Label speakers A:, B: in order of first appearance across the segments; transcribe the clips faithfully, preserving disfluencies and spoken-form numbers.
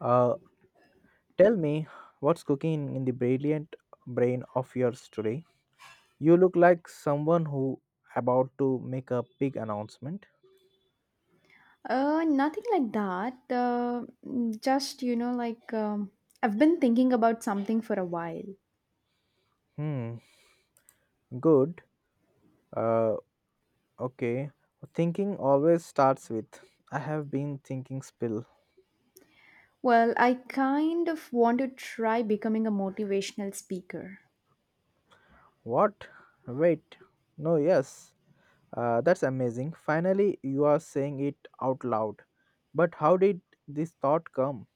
A: Uh, Tell me, what's cooking in the brilliant brain of yours today? You look like someone who about to make a big announcement.
B: Uh, nothing like that. Uh, mm, just, you know, like um, I've been thinking about something for a while.
A: Hmm, good. Uh, okay. Thinking always starts with I have been thinking spill.
B: Well, I kind of want to try becoming a motivational speaker.
A: What? Wait. No, yes. Uh, that's amazing. Finally, you are saying it out loud. But how did this thought come?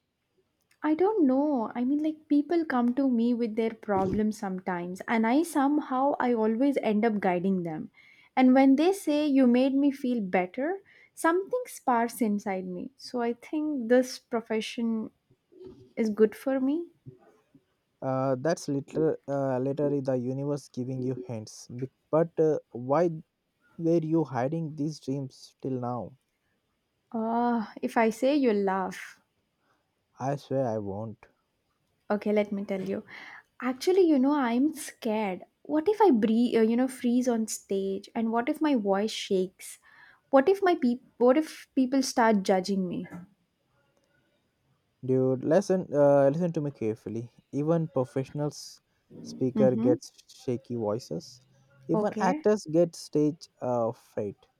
B: I don't know. I mean, like, people come to me with their problems sometimes, and I somehow I always end up guiding them. And when they say you made me feel better, something sparks inside me. So I think this profession is good for me.
A: uh, That's later uh, later the universe giving you hints. Be- but uh, why were you hiding these dreams till now?
B: Uh, if I say, you'll laugh.
A: I swear I won't.
B: Okay, let me tell you. Actually, you know, I'm scared. What if I breathe, uh, you know, freeze on stage? And what if my voice shakes? What if my peop what if people start judging me?
A: Dude, listen uh, listen to me carefully. Even professionals speaker
B: Mm-hmm.
A: gets shaky voices. Even
B: Okay.
A: actors get stage uh, fright.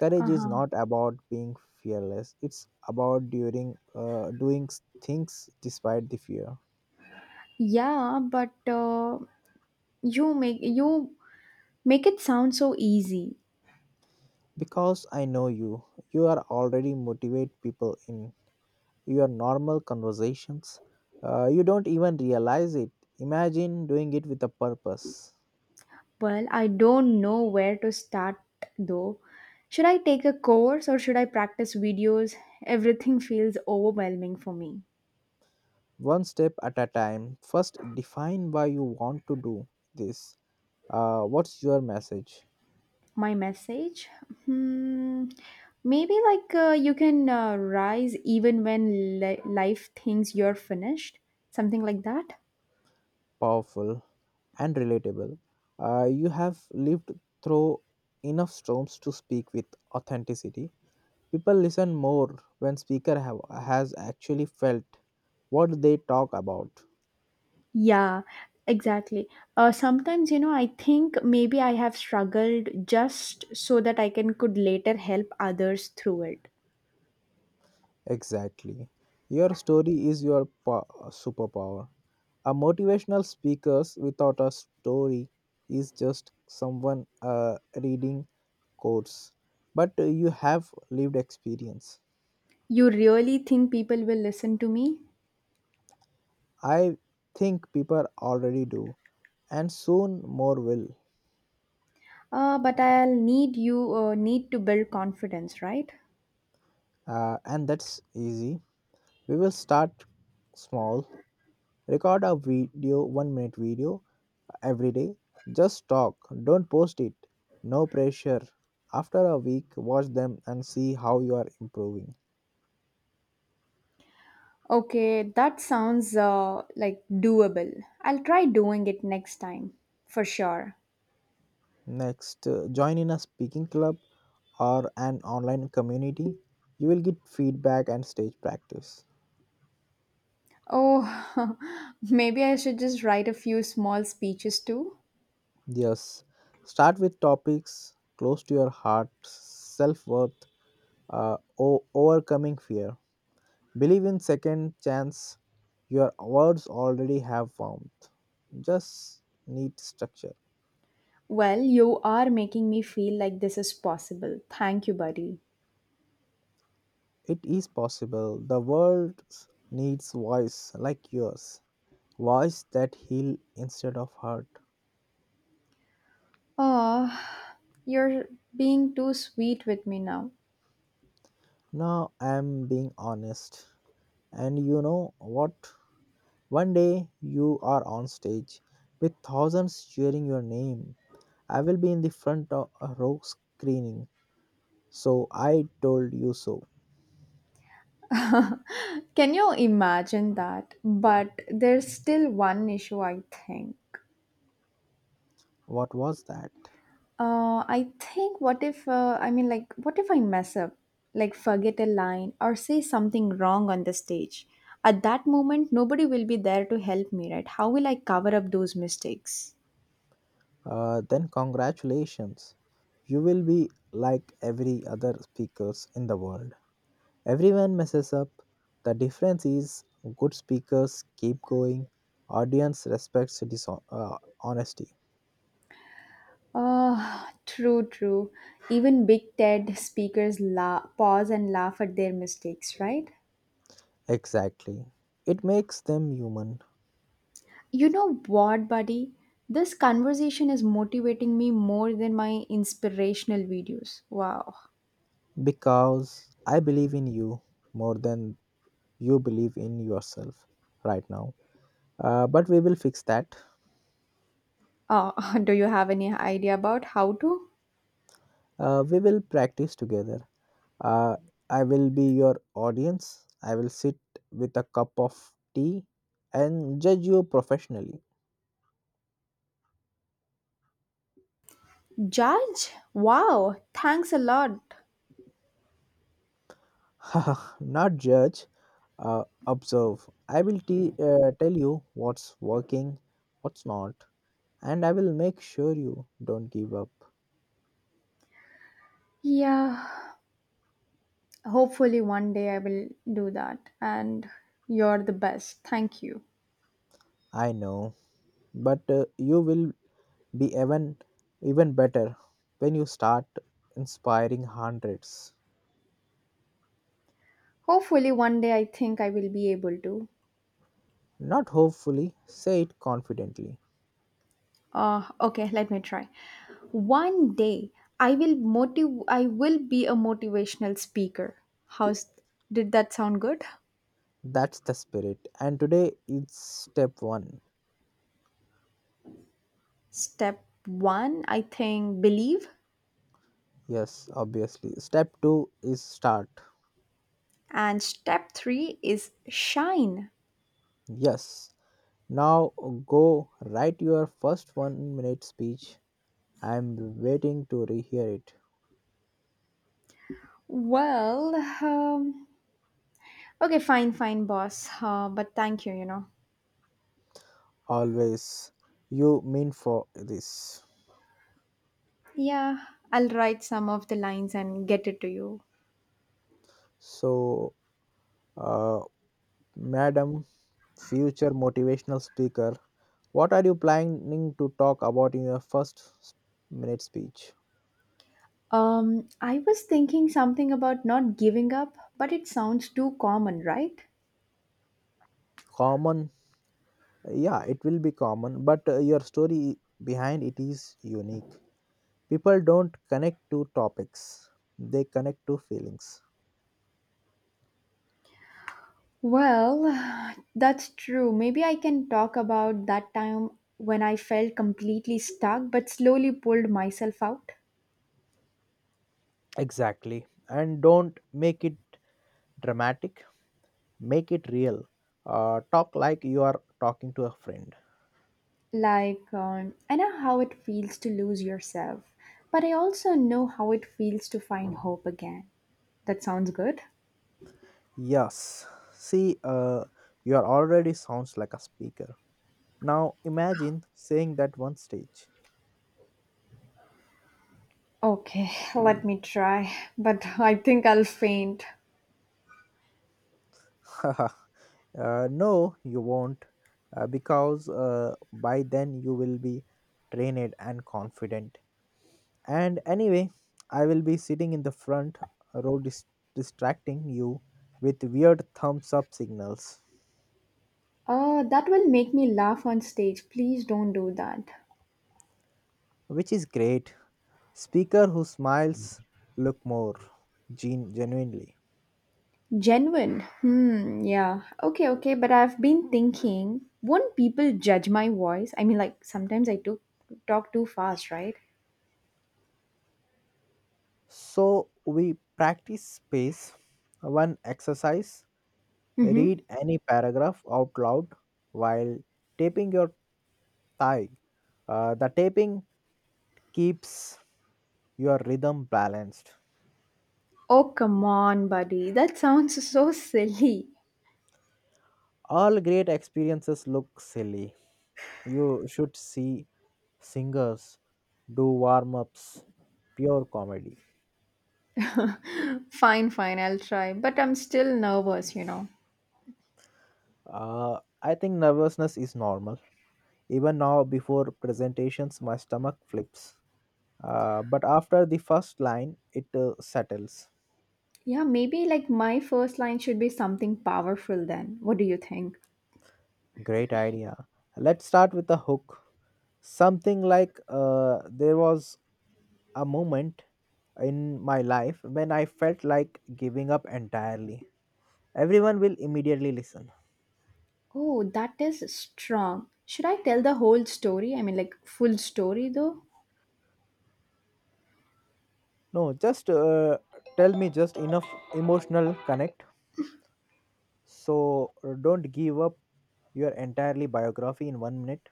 A: Courage is
B: Uh-huh.
A: not about being fearless. It's about during uh, doing s- things despite the fear.
B: Yeah, but uh, you make you make it sound so easy.
A: Because I know you, you are already motivate people in your normal conversations. Uh, you don't even realize it. Imagine doing it with a purpose.
B: Well, I don't know where to start though. Should I take a course or should I practice videos? Everything feels overwhelming for me.
A: One step at a time. First, define why you want to do this. Uh, what's your message?
B: My message? Hmm, Maybe like uh, you can uh, rise even when li- life thinks you're finished, something like that.
A: Powerful and relatable. Uh, you have lived through enough storms to speak with authenticity. People listen more when speaker have, has actually felt what they talk about.
B: Yeah, exactly. Uh, sometimes, you know, I think maybe I have struggled just so that I can could later help others through it.
A: Exactly. Your story is your po- superpower. A motivational speakers without a story is just someone uh, reading quotes. But you have lived experience.
B: You really think people will listen to me?
A: I think people already do, and soon more will.
B: Uh, but I'll need you uh, need to build confidence, right?
A: Uh, and that's easy. We will start small. Record a video, one minute video every day. Just talk, don't post it. No pressure. After a week, watch them and see how you are improving.
B: Okay, that sounds uh, like doable. I'll try doing it next time, for sure.
A: Next, uh, join in a speaking club or an online community. You will get feedback and stage practice.
B: Oh, maybe I should just write a few small speeches too.
A: Yes, start with topics close to your heart, self worth, uh, o- overcoming fear. Believe in second chance. Your words already have warmth. Just need structure.
B: Well, you are making me feel like this is possible. Thank you, buddy.
A: It is possible. The world needs voice like yours, voice that heal instead of hurt.
B: Oh, you're being too sweet with me now.
A: Now I am being honest. And you know what? One day you are on stage with thousands cheering your name. I will be in the front of a row screening. So I told you so.
B: Can you imagine that? But there's still one issue, I think.
A: What was that?
B: Uh, I think, what if, uh, I mean, like, what if I mess up, like forget a line or say something wrong on the stage? At that moment, nobody will be there to help me, right? How will I cover up those mistakes?
A: Uh, then congratulations. You will be like every other speakers in the world. Everyone messes up. The difference is good speakers keep going, audience respects dishon- uh, honesty.
B: Ah, true, true. Even big TED speakers la- pause and laugh at their mistakes, right?
A: Exactly. It makes them human
B: You know what, buddy? This conversation is motivating me more than my inspirational videos. Wow.
A: because I believe in you more than you believe in yourself right now. Uh, but we will fix that.
B: Uh, do you have any idea about how to?
A: Uh, we will practice together. Uh, I will be your audience. I will sit with a cup of tea and judge you professionally.
B: Judge? Wow, thanks a lot.
A: Not judge, uh, observe. I will te- uh, tell you what's working, what's not, and I will make sure you don't give up.
B: Yeah, hopefully one day I will do that. And you're the best. Thank you.
A: I know, but uh, you will be even even better when you start inspiring hundreds.
B: Hopefully one day I think I will be able to.
A: Not hopefully, say it confidently.
B: Uh, okay, let me try. One day I will motiv- I will be a motivational speaker. How's Did that sound good?
A: That's the spirit. And today is step one.
B: Step one, I think, believe,
A: Yes, obviously. Step two is start.
B: and step three is shine.
A: Yes. Now go write your first one minute speech. I'm waiting to rehear it.
B: Well, um, okay, fine, fine, boss. Uh, but thank you, you know.
A: Always. You mean for this.
B: Yeah, I'll write some of the lines and get it to you.
A: So, uh, Madam Future Motivational Speaker, what are you planning to talk about in your first s- minute speech?
B: Um, I was thinking something about not giving up, but it sounds too common, right?
A: Common, yeah, it will be common, but uh, your story behind it is unique. People don't connect to topics, they connect to feelings.
B: Well, that's true. Maybe I can talk about that time when I felt completely stuck but slowly pulled myself out.
A: Exactly. And don't make it dramatic. Make it real. Uh, talk like you are talking to a friend.
B: Like, um, I know how it feels to lose yourself, but I also know how it feels to find hope again. That sounds good.
A: Yes, see, uh, you are already sounds like a speaker. Now imagine saying that one stage.
B: Okay, let me try, but I think I'll faint.
A: uh, no you won't, uh, because uh, by then you will be trained and confident. And anyway, I will be sitting in the front row dis- distracting you with weird thumbs up signals.
B: Uh, that will make me laugh on stage. Please don't do that.
A: Which is great. Speaker who smiles look more gen- genuinely.
B: Genuine. Hmm, yeah. Okay, okay, but I've been thinking, won't people judge my voice? I mean, like, sometimes I do talk too fast, right?
A: So we practice space, one exercise,
B: Mm-hmm.
A: read any paragraph out loud while taping your thigh. Uh, the taping keeps your rhythm balanced.
B: Oh, come on, buddy. That sounds so silly.
A: All great experiences look silly. You should see singers do warm ups, pure comedy.
B: Fine, fine, I'll try, but I'm still nervous, you know.
A: Uh, I think nervousness is normal. Even now, before presentations, my stomach flips. Uh, but after the first line, it uh, settles.
B: Yeah, maybe like my first line should be something powerful then. What do you think?
A: Great idea. Let's start with a hook. Something like, uh, there was a moment in my life when I felt like giving up entirely. Everyone will immediately listen.
B: Oh, that is strong. Should I tell the whole story? I mean, like, full story though?
A: No, just uh, tell me just enough emotional connect. So uh, don't give up your entirely biography in one minute.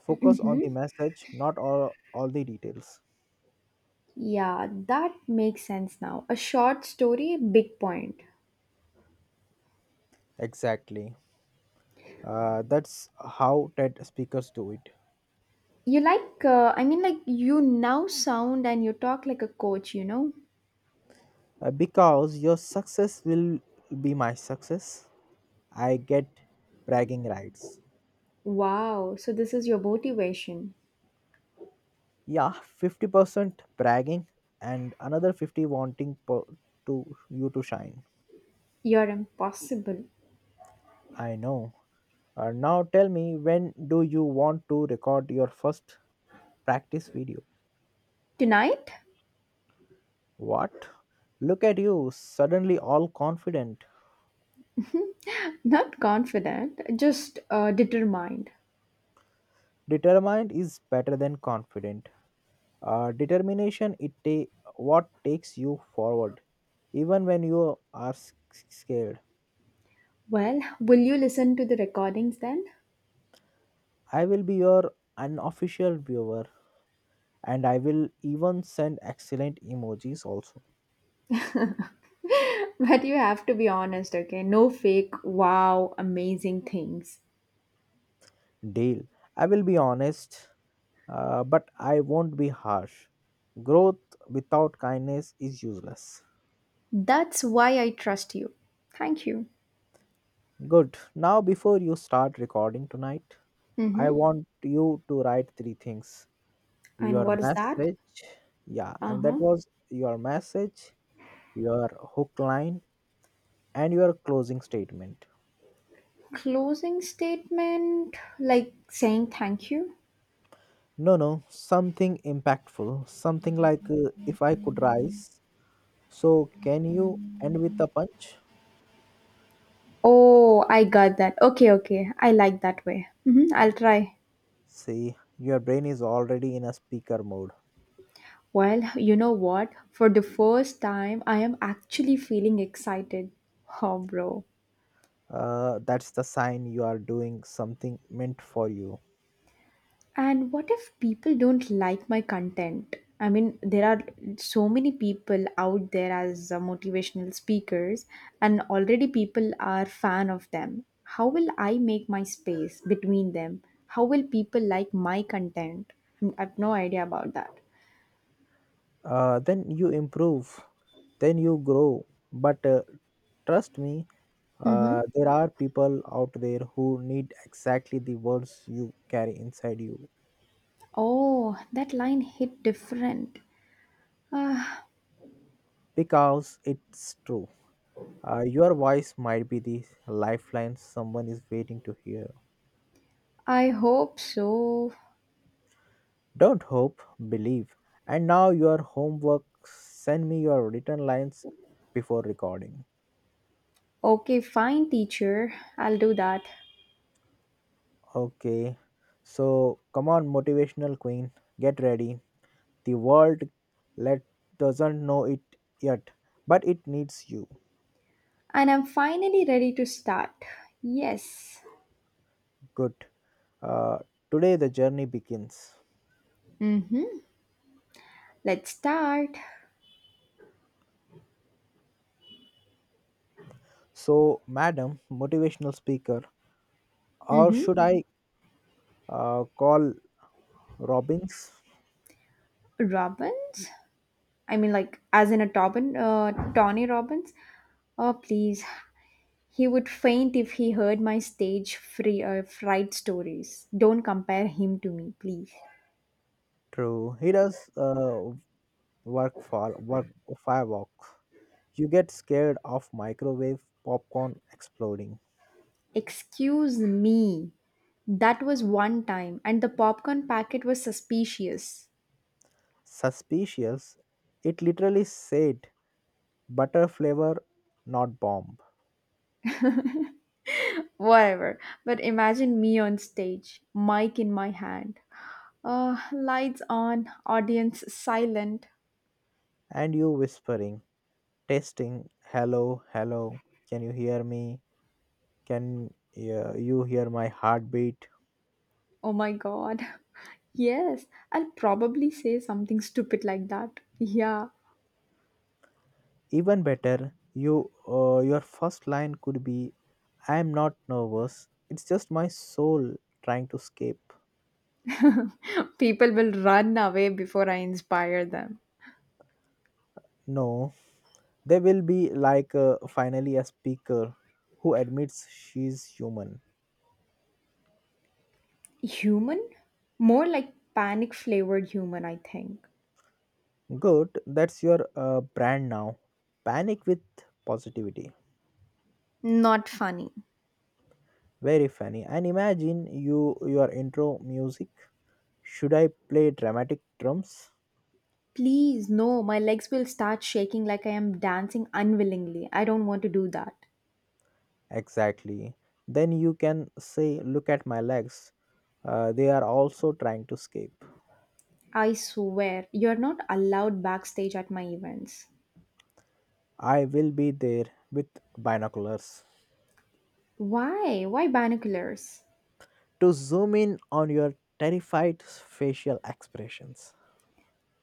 A: Focus on the message, not all, all the details.
B: Yeah, that makes sense now. A short story, big point.
A: Exactly. Uh, that's how TED speakers do it.
B: You like, uh, I mean, like, you now sound and you talk like a coach, you know?
A: Uh, because your success will be my success. I get bragging rights.
B: Wow, so this is your motivation.
A: Yeah, fifty percent bragging and another fifty wanting per- to you to shine.
B: You're impossible.
A: I know. Uh, now tell me, when do you want to record your first practice video?
B: Tonight?
A: What? Look at you, suddenly all confident.
B: Not confident, just uh, determined.
A: Determined is better than confident. Uh, determination, it ta- what takes you forward, even when you are s- scared.
B: Well, will you listen to the recordings then?
A: I will be your unofficial viewer, and I will even send excellent emojis also.
B: But you have to be honest, okay? No fake, wow, amazing things.
A: Deal. I will be honest, uh, but I won't be harsh. Growth without kindness is useless.
B: That's why I trust you. Thank you.
A: Good. Now, before you start recording tonight, I
B: Mm-hmm.
A: want you to write three things:
B: And
A: your
B: what is that?
A: message, yeah,
B: Uh
A: and that
B: huh.
A: was your message, your hook line, and your closing statement.
B: Closing statement, like saying thank you.
A: No, no, something impactful, something like, uh, if I could rise, so can you. End with a punch.
B: Oh, I got that. Okay, okay. I like that way. Mm-hmm. I'll try.
A: See, your brain is already in a speaker mode.
B: Well, you know what? For the first time, I am actually feeling excited. Oh, bro.
A: Uh, that's the sign you are doing something meant for you.
B: And what if people don't like my content? I mean, there are so many people out there as uh, motivational speakers, and already people are fan of them. How will I make my space between them? How will people like my content? Mm, I have no idea about that.
A: Uh, then you improve, then you grow. But uh, trust me. Uh,
B: Mm-hmm.
A: there are people out there who need exactly the words you carry inside you.
B: Oh, that line hit different. Ah,
A: Because it's true. Uh, your voice might be the lifeline someone is waiting to hear.
B: I hope so.
A: Don't hope, believe. And now, your homework: send me your written lines before recording.
B: Okay, fine, teacher. I'll do that.
A: Okay, so come on, motivational queen, get ready. The world, let doesn't know it yet, but it needs you.
B: And I'm finally ready to start. Yes.
A: Good. Uh, Today the journey begins.
B: Mm-hmm. Let's start.
A: So, madam motivational speaker, or
B: Mm-hmm.
A: should I uh, call Robbins?
B: Robbins? I mean, like, as in a Tobin, uh, Tony Robbins? Oh, please. He would faint if he heard my stage free uh, fright stories. Don't compare him to me, please.
A: True, he does, uh, work for work firewalk. You get scared of microwave popcorn exploding.
B: Excuse me. That was one time, and the popcorn packet was suspicious.
A: Suspicious, it literally said butter flavor, not bomb.
B: Whatever. But imagine me on stage, mic in my hand. Uh, lights on, audience silent.
A: And you whispering, testing, hello, hello, can you hear me? Can uh, you hear my heartbeat?
B: Oh my god. Yes, I'll probably say something stupid like that. Yeah.
A: Even better, you uh, your first line could be, I am not nervous, it's just my soul trying to escape.
B: People will run away before I inspire them.
A: No, they will be like, uh, finally a speaker who admits she's human.
B: Human? More like panic flavored human, I think.
A: Good, that's your uh, brand now, panic with positivity.
B: Not funny.
A: Very funny. And imagine you your intro music. Should I play dramatic drums?
B: Please, no, my legs will start shaking like I am dancing unwillingly. I don't want to do that.
A: Exactly. Then you can say, look at my legs. Uh, they are also trying to escape.
B: I swear, you're not allowed backstage at my events.
A: I will be there with binoculars
B: Why? Why binoculars?
A: to zoom in on your terrified facial expressions.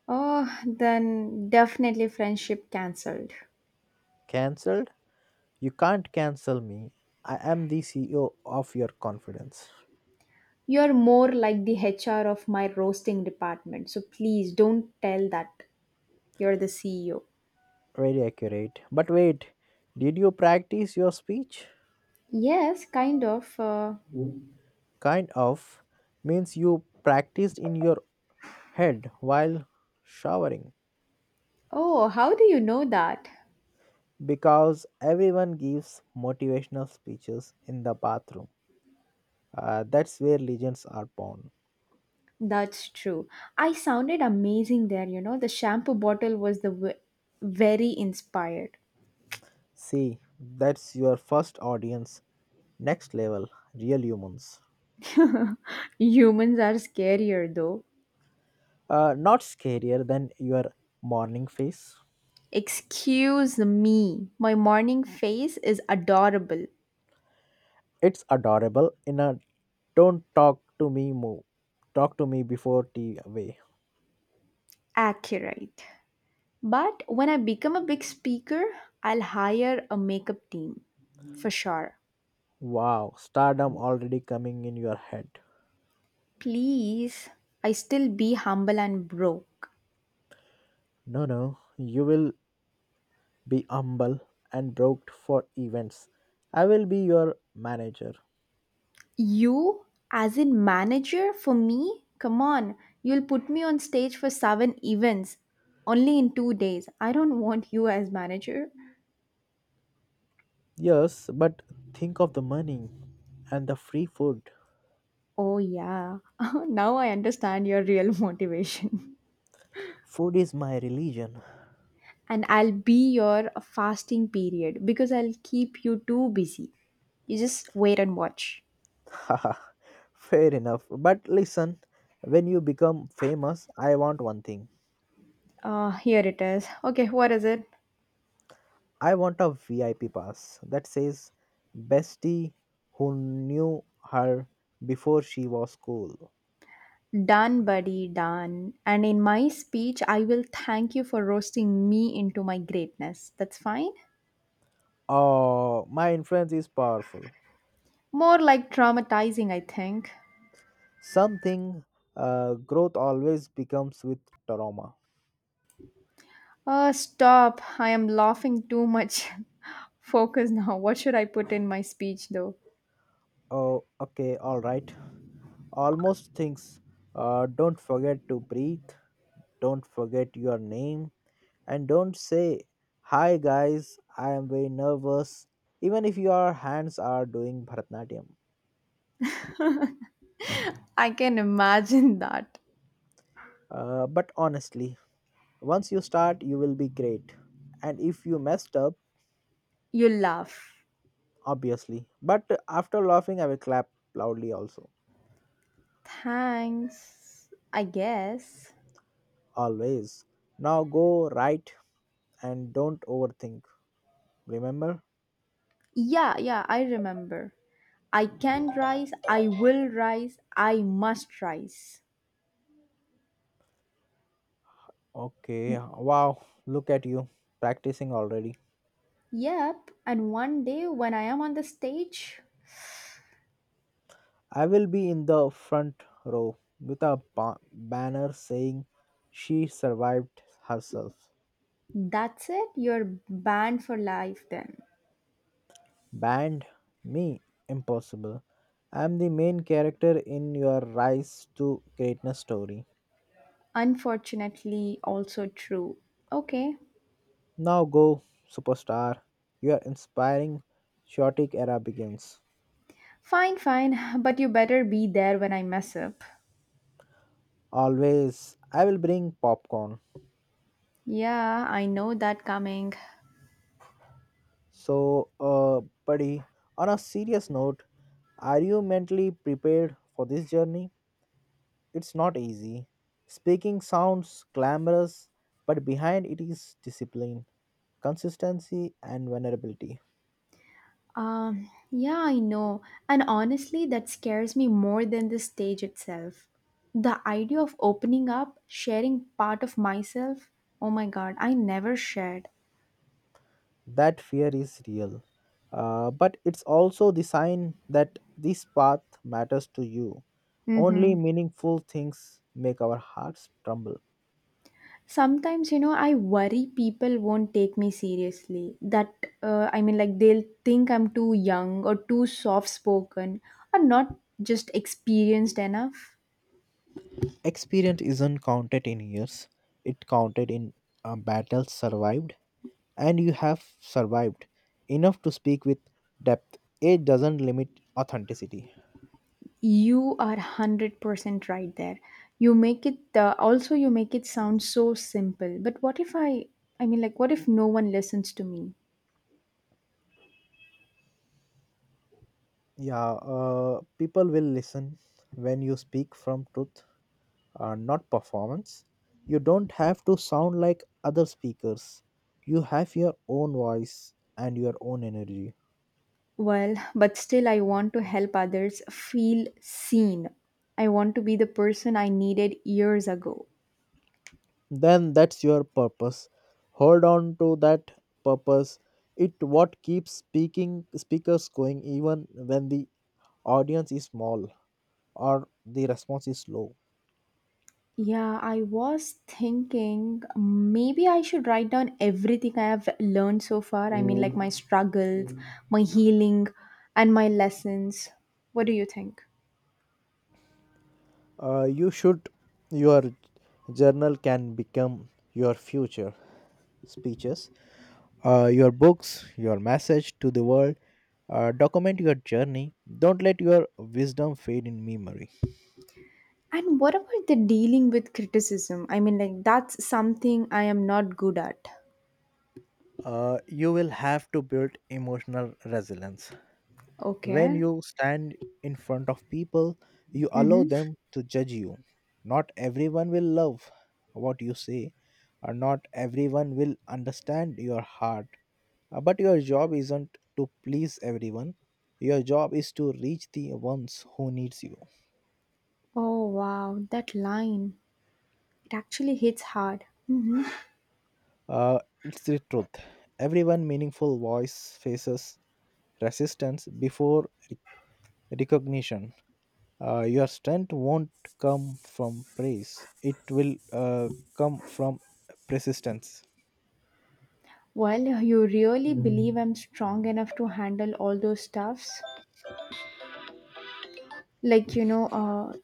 B: Oh, then definitely friendship cancelled.
A: Cancelled? You can't cancel me. I am the C E O of your confidence.
B: You're more like the H R of my roasting department, so please don't tell that you're the C E O.
A: Very accurate. But wait, did you practice your speech?
B: Yes, kind of. Uh,
A: Kind of means you practiced in your head while showering.
B: oh, how do you know that?
A: Because everyone gives motivational speeches in the bathroom. Uh, that's where legends are born.
B: That's true. I sounded amazing there, you know. The shampoo bottle was the w- very inspired.
A: See, that's your first audience. Next level, real humans.
B: Humans are scarier though.
A: Uh, not scarier than your morning face.
B: Excuse me. My morning face is adorable.
A: It's adorable in a don't talk to me move. Talk to me before tea away.
B: Accurate. But when I become a big speaker, I'll hire a makeup team for sure.
A: Wow, stardom already coming in your head.
B: Please, I still be humble and broke.
A: No, no, you will be humble and broke for events. I will be your manager.
B: You, as in manager for me? Come on, you'll put me on stage for seven events only in two days. I don't want you as manager.
A: Yes, but think of the money and the free food.
B: Oh, yeah, now I understand your real motivation.
A: Food is my religion.
B: And I'll be your fasting period because I'll keep you too busy. You just wait and watch.
A: Haha, fair enough. But listen, when you become famous, I want one thing.
B: Uh, here it is. Okay, what is it?
A: I want a V I P pass that says, Bestie who knew her before she was cool.
B: Done, buddy, done. And in my speech, I will thank you for roasting me into my greatness. That's fine?
A: Oh, my influence is powerful.
B: More like traumatizing, I think.
A: Something, uh, growth always becomes with trauma.
B: Uh, stop. I am laughing too much. Focus now. What should I put in my speech, though?
A: Oh, okay, all right. Almost things. Uh, don't forget to breathe. Don't forget your name. And don't say, Hi guys, I am very nervous, even if your hands are doing Bharatanatyam.
B: I can imagine that.
A: Uh, but honestly, once you start, you will be great. And if you messed up,
B: You laugh.
A: obviously. But after laughing, I will clap loudly also.
B: Thanks, I guess.
A: Always. Now go right and don't overthink. Remember?
B: Yeah, yeah, I remember. I can rise, I will rise, I must rise.
A: Okay, wow, look at you practicing already.
B: Yep, and one day when I am on the stage,
A: I will be in the front row with a ba- banner saying, she survived herself.
B: that's it, you're banned for life then.
A: Banned? Me? Impossible. I am the main character in your rise to greatness story.
B: Unfortunately, also true. Okay,
A: Now go, superstar. Your inspiring chaotic era begins.
B: fine, fine, but you better be there when I mess up.
A: Always, I will bring popcorn.
B: Yeah, I know that coming.
A: So, uh, buddy, on a serious note, are you mentally prepared for this journey? It's not easy. Speaking sounds glamorous, but behind it is discipline, consistency, and vulnerability.
B: Um, yeah, I know. And honestly, that scares me more than the stage itself. The idea of opening up, sharing part of myself, oh my god, I never shared.
A: That fear is real. Uh, but it's also the sign that this path matters to you. Only
B: Mm-hmm.
A: meaningful things make our hearts tremble.
B: Sometimes, you know, I worry people won't take me seriously. That, uh, I mean, like, they'll think I'm too young or too soft spoken or not just experienced enough.
A: Experience isn't counted in years, it counted in uh, battles survived, and you have survived enough to speak with depth. Age doesn't limit authenticity.
B: You are one hundred percent right there. You make it, uh, also, you make it sound so simple. But what if I, I mean, like, what if no one listens to me?
A: Yeah, uh, people will listen when you speak from truth, uh, not performance. You don't have to sound like other speakers. You have your own voice and your own energy.
B: Well, but still, I want to help others feel seen. I want to be the person I needed years ago.
A: Then that's your purpose. Hold on to that purpose. It what keeps speaking speakers going even when the audience is small or the response is low.
B: Yeah, I was thinking maybe I should write down everything I have learned so far. I mean, like, my struggles, my healing, and my lessons. What do you think?
A: Uh, you should. Your journal can become your future speeches, uh, your books, your message to the world. Uh, document your journey. Don't let your wisdom fade in memory.
B: And what about the dealing with criticism? I mean, like, that's something I am not good at.
A: Uh, you will have to build emotional resilience. When
B: Okay.
A: you stand in front of people, you allow
B: Mm-hmm.
A: them to judge you. Not everyone will love what you say, or not everyone will understand your heart. Uh, but your job isn't to please everyone. Your job is to reach the ones who needs you.
B: Oh, wow. That line. It actually hits hard. Mhm.
A: Uh, it's the truth. Everyone meaningful voice faces resistance before re- recognition. Uh, your strength won't come from praise, it will uh, come from persistence.
B: Well, you really believe I'm strong enough to handle all those stuffs? Like, you know, uh,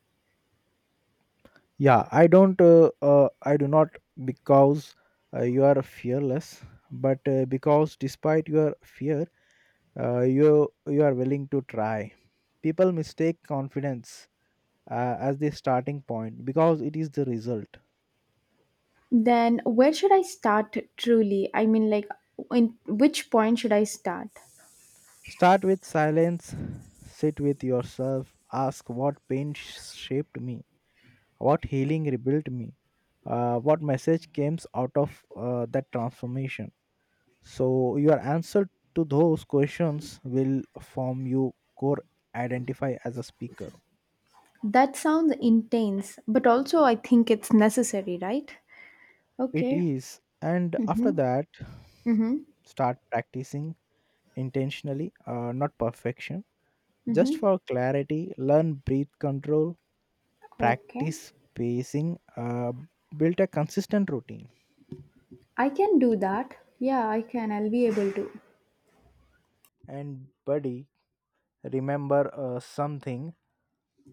A: Yeah, I don't, uh, uh, I do not, because uh, you are fearless, but uh, because despite your fear, uh, you, you are willing to try. People mistake confidence uh, as the starting point, because it is the result.
B: then where should I start truly? I mean, like, in which point should I start?
A: Start with silence, sit with yourself, ask what pain sh- shaped me, what healing rebuilt me, uh, what message came out of uh, that transformation. So, your answer to those questions will form your core identify as a speaker.
B: That sounds intense, but also I think it's necessary, right?
A: It
B: Okay.
A: is, and after that,
B: Mm-hmm.
A: start practicing intentionally, uh, not perfection, just
B: Mm-hmm.
A: for clarity. Learn breath control,
B: Okay.
A: practice pacing, uh, built a consistent routine.
B: I can do that. Yeah, I can. I'll be able to.
A: And, buddy, remember uh, something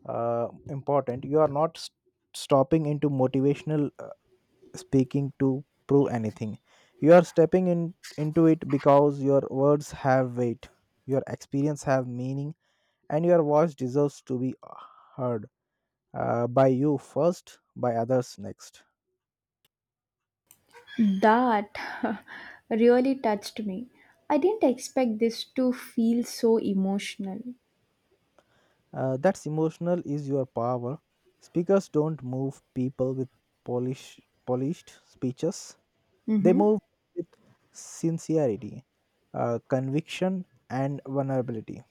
A: uh, important. You are not s stopping into motivational uh, speaking to prove anything. You are stepping in into it because your words have weight, your experience have meaning, and your voice deserves to be heard, uh, by you first, by others next.
B: That really touched me. I didn't expect this to feel so emotional.
A: Uh, that's emotional is your power. Speakers don't move people with polish, polished speeches. They
B: Mm-hmm.
A: move with sincerity, uh, conviction, and vulnerability.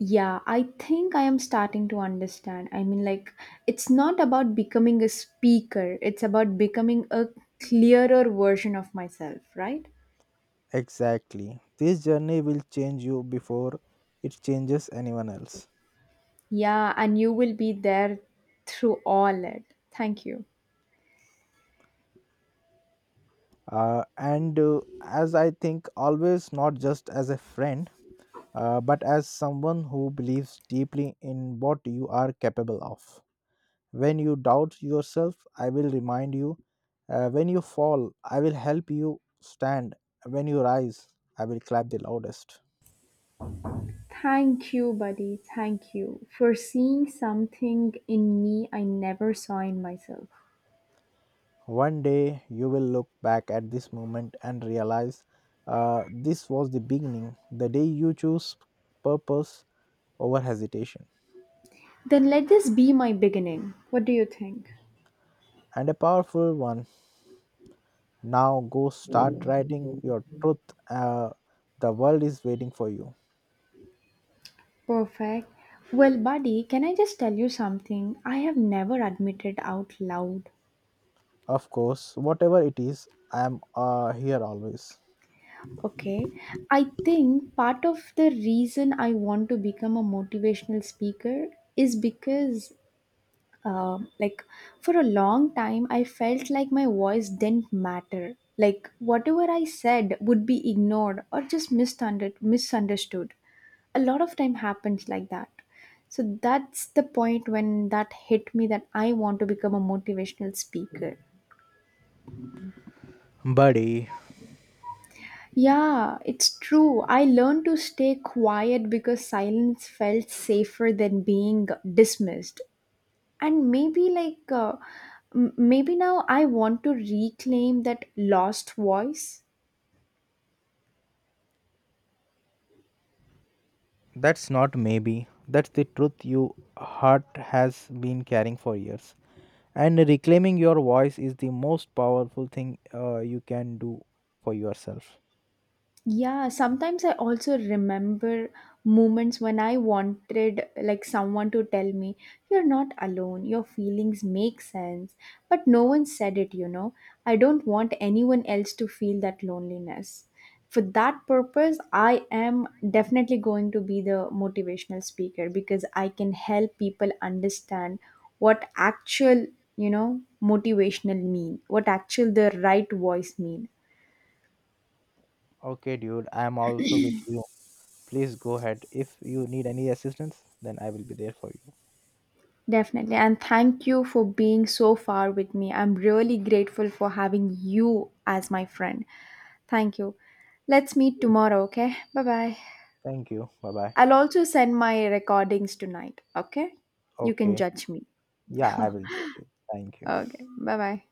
B: Yeah, I think I am starting to understand. I mean, like, it's not about becoming a speaker, it's about becoming a clearer version of myself, right?
A: Exactly. This journey will change you before it changes anyone else.
B: Yeah, and you will be there through all it. Thank you.
A: Uh, and uh, As I think, always, not just as a friend, uh, but as someone who believes deeply in what you are capable of. When you doubt yourself, I will remind you. Uh, when you fall, I will help you stand. When you rise, I will clap the loudest.
B: Thank you, buddy. Thank you for seeing something in me I never saw in myself.
A: One day you will look back at this moment and realize, uh, this was the beginning, the day you choose purpose over hesitation.
B: Then let this be my beginning. What do you think?
A: And a powerful one. Now go start writing your truth. Uh, the world is waiting for you.
B: Perfect. Well, buddy, can I just tell you something I have never admitted out loud?
A: Of course, whatever it is, I am uh, here always.
B: Okay. I think part of the reason I want to become a motivational speaker is because, um, like, for a long time I felt like my voice didn't matter, like whatever I said would be ignored or just misunderstood misunderstood A lot of time happens like that. So that's the point when that hit me, that I want to become a motivational speaker.
A: Buddy.
B: Yeah, it's true. I learned to stay quiet because silence felt safer than being dismissed. And maybe like uh, m- maybe now I want to reclaim that lost voice.
A: That's not maybe. That's the truth your heart has been carrying for years. And reclaiming your voice is the most powerful thing uh, you can do for yourself.
B: Yeah, sometimes I also remember moments when I wanted like someone to tell me, you're not alone, your feelings make sense, but no one said it, you know. I don't want anyone else to feel that loneliness. For that purpose, I am definitely going to be the motivational speaker because I can help people understand what actual, you know, motivational mean, what actual the right voice mean.
A: Okay, dude, I'm also with you. Please go ahead. If you need any assistance, then I will be there for you.
B: Definitely. And thank you for being so far with me. I'm really grateful for having you as my friend. Thank you. Let's meet tomorrow, okay? Bye bye.
A: Thank you. Bye bye.
B: I'll also send my recordings tonight, okay? You can
A: Okay.
B: judge me.
A: Yeah, I will judge you. Thank you.
B: Okay. Bye bye.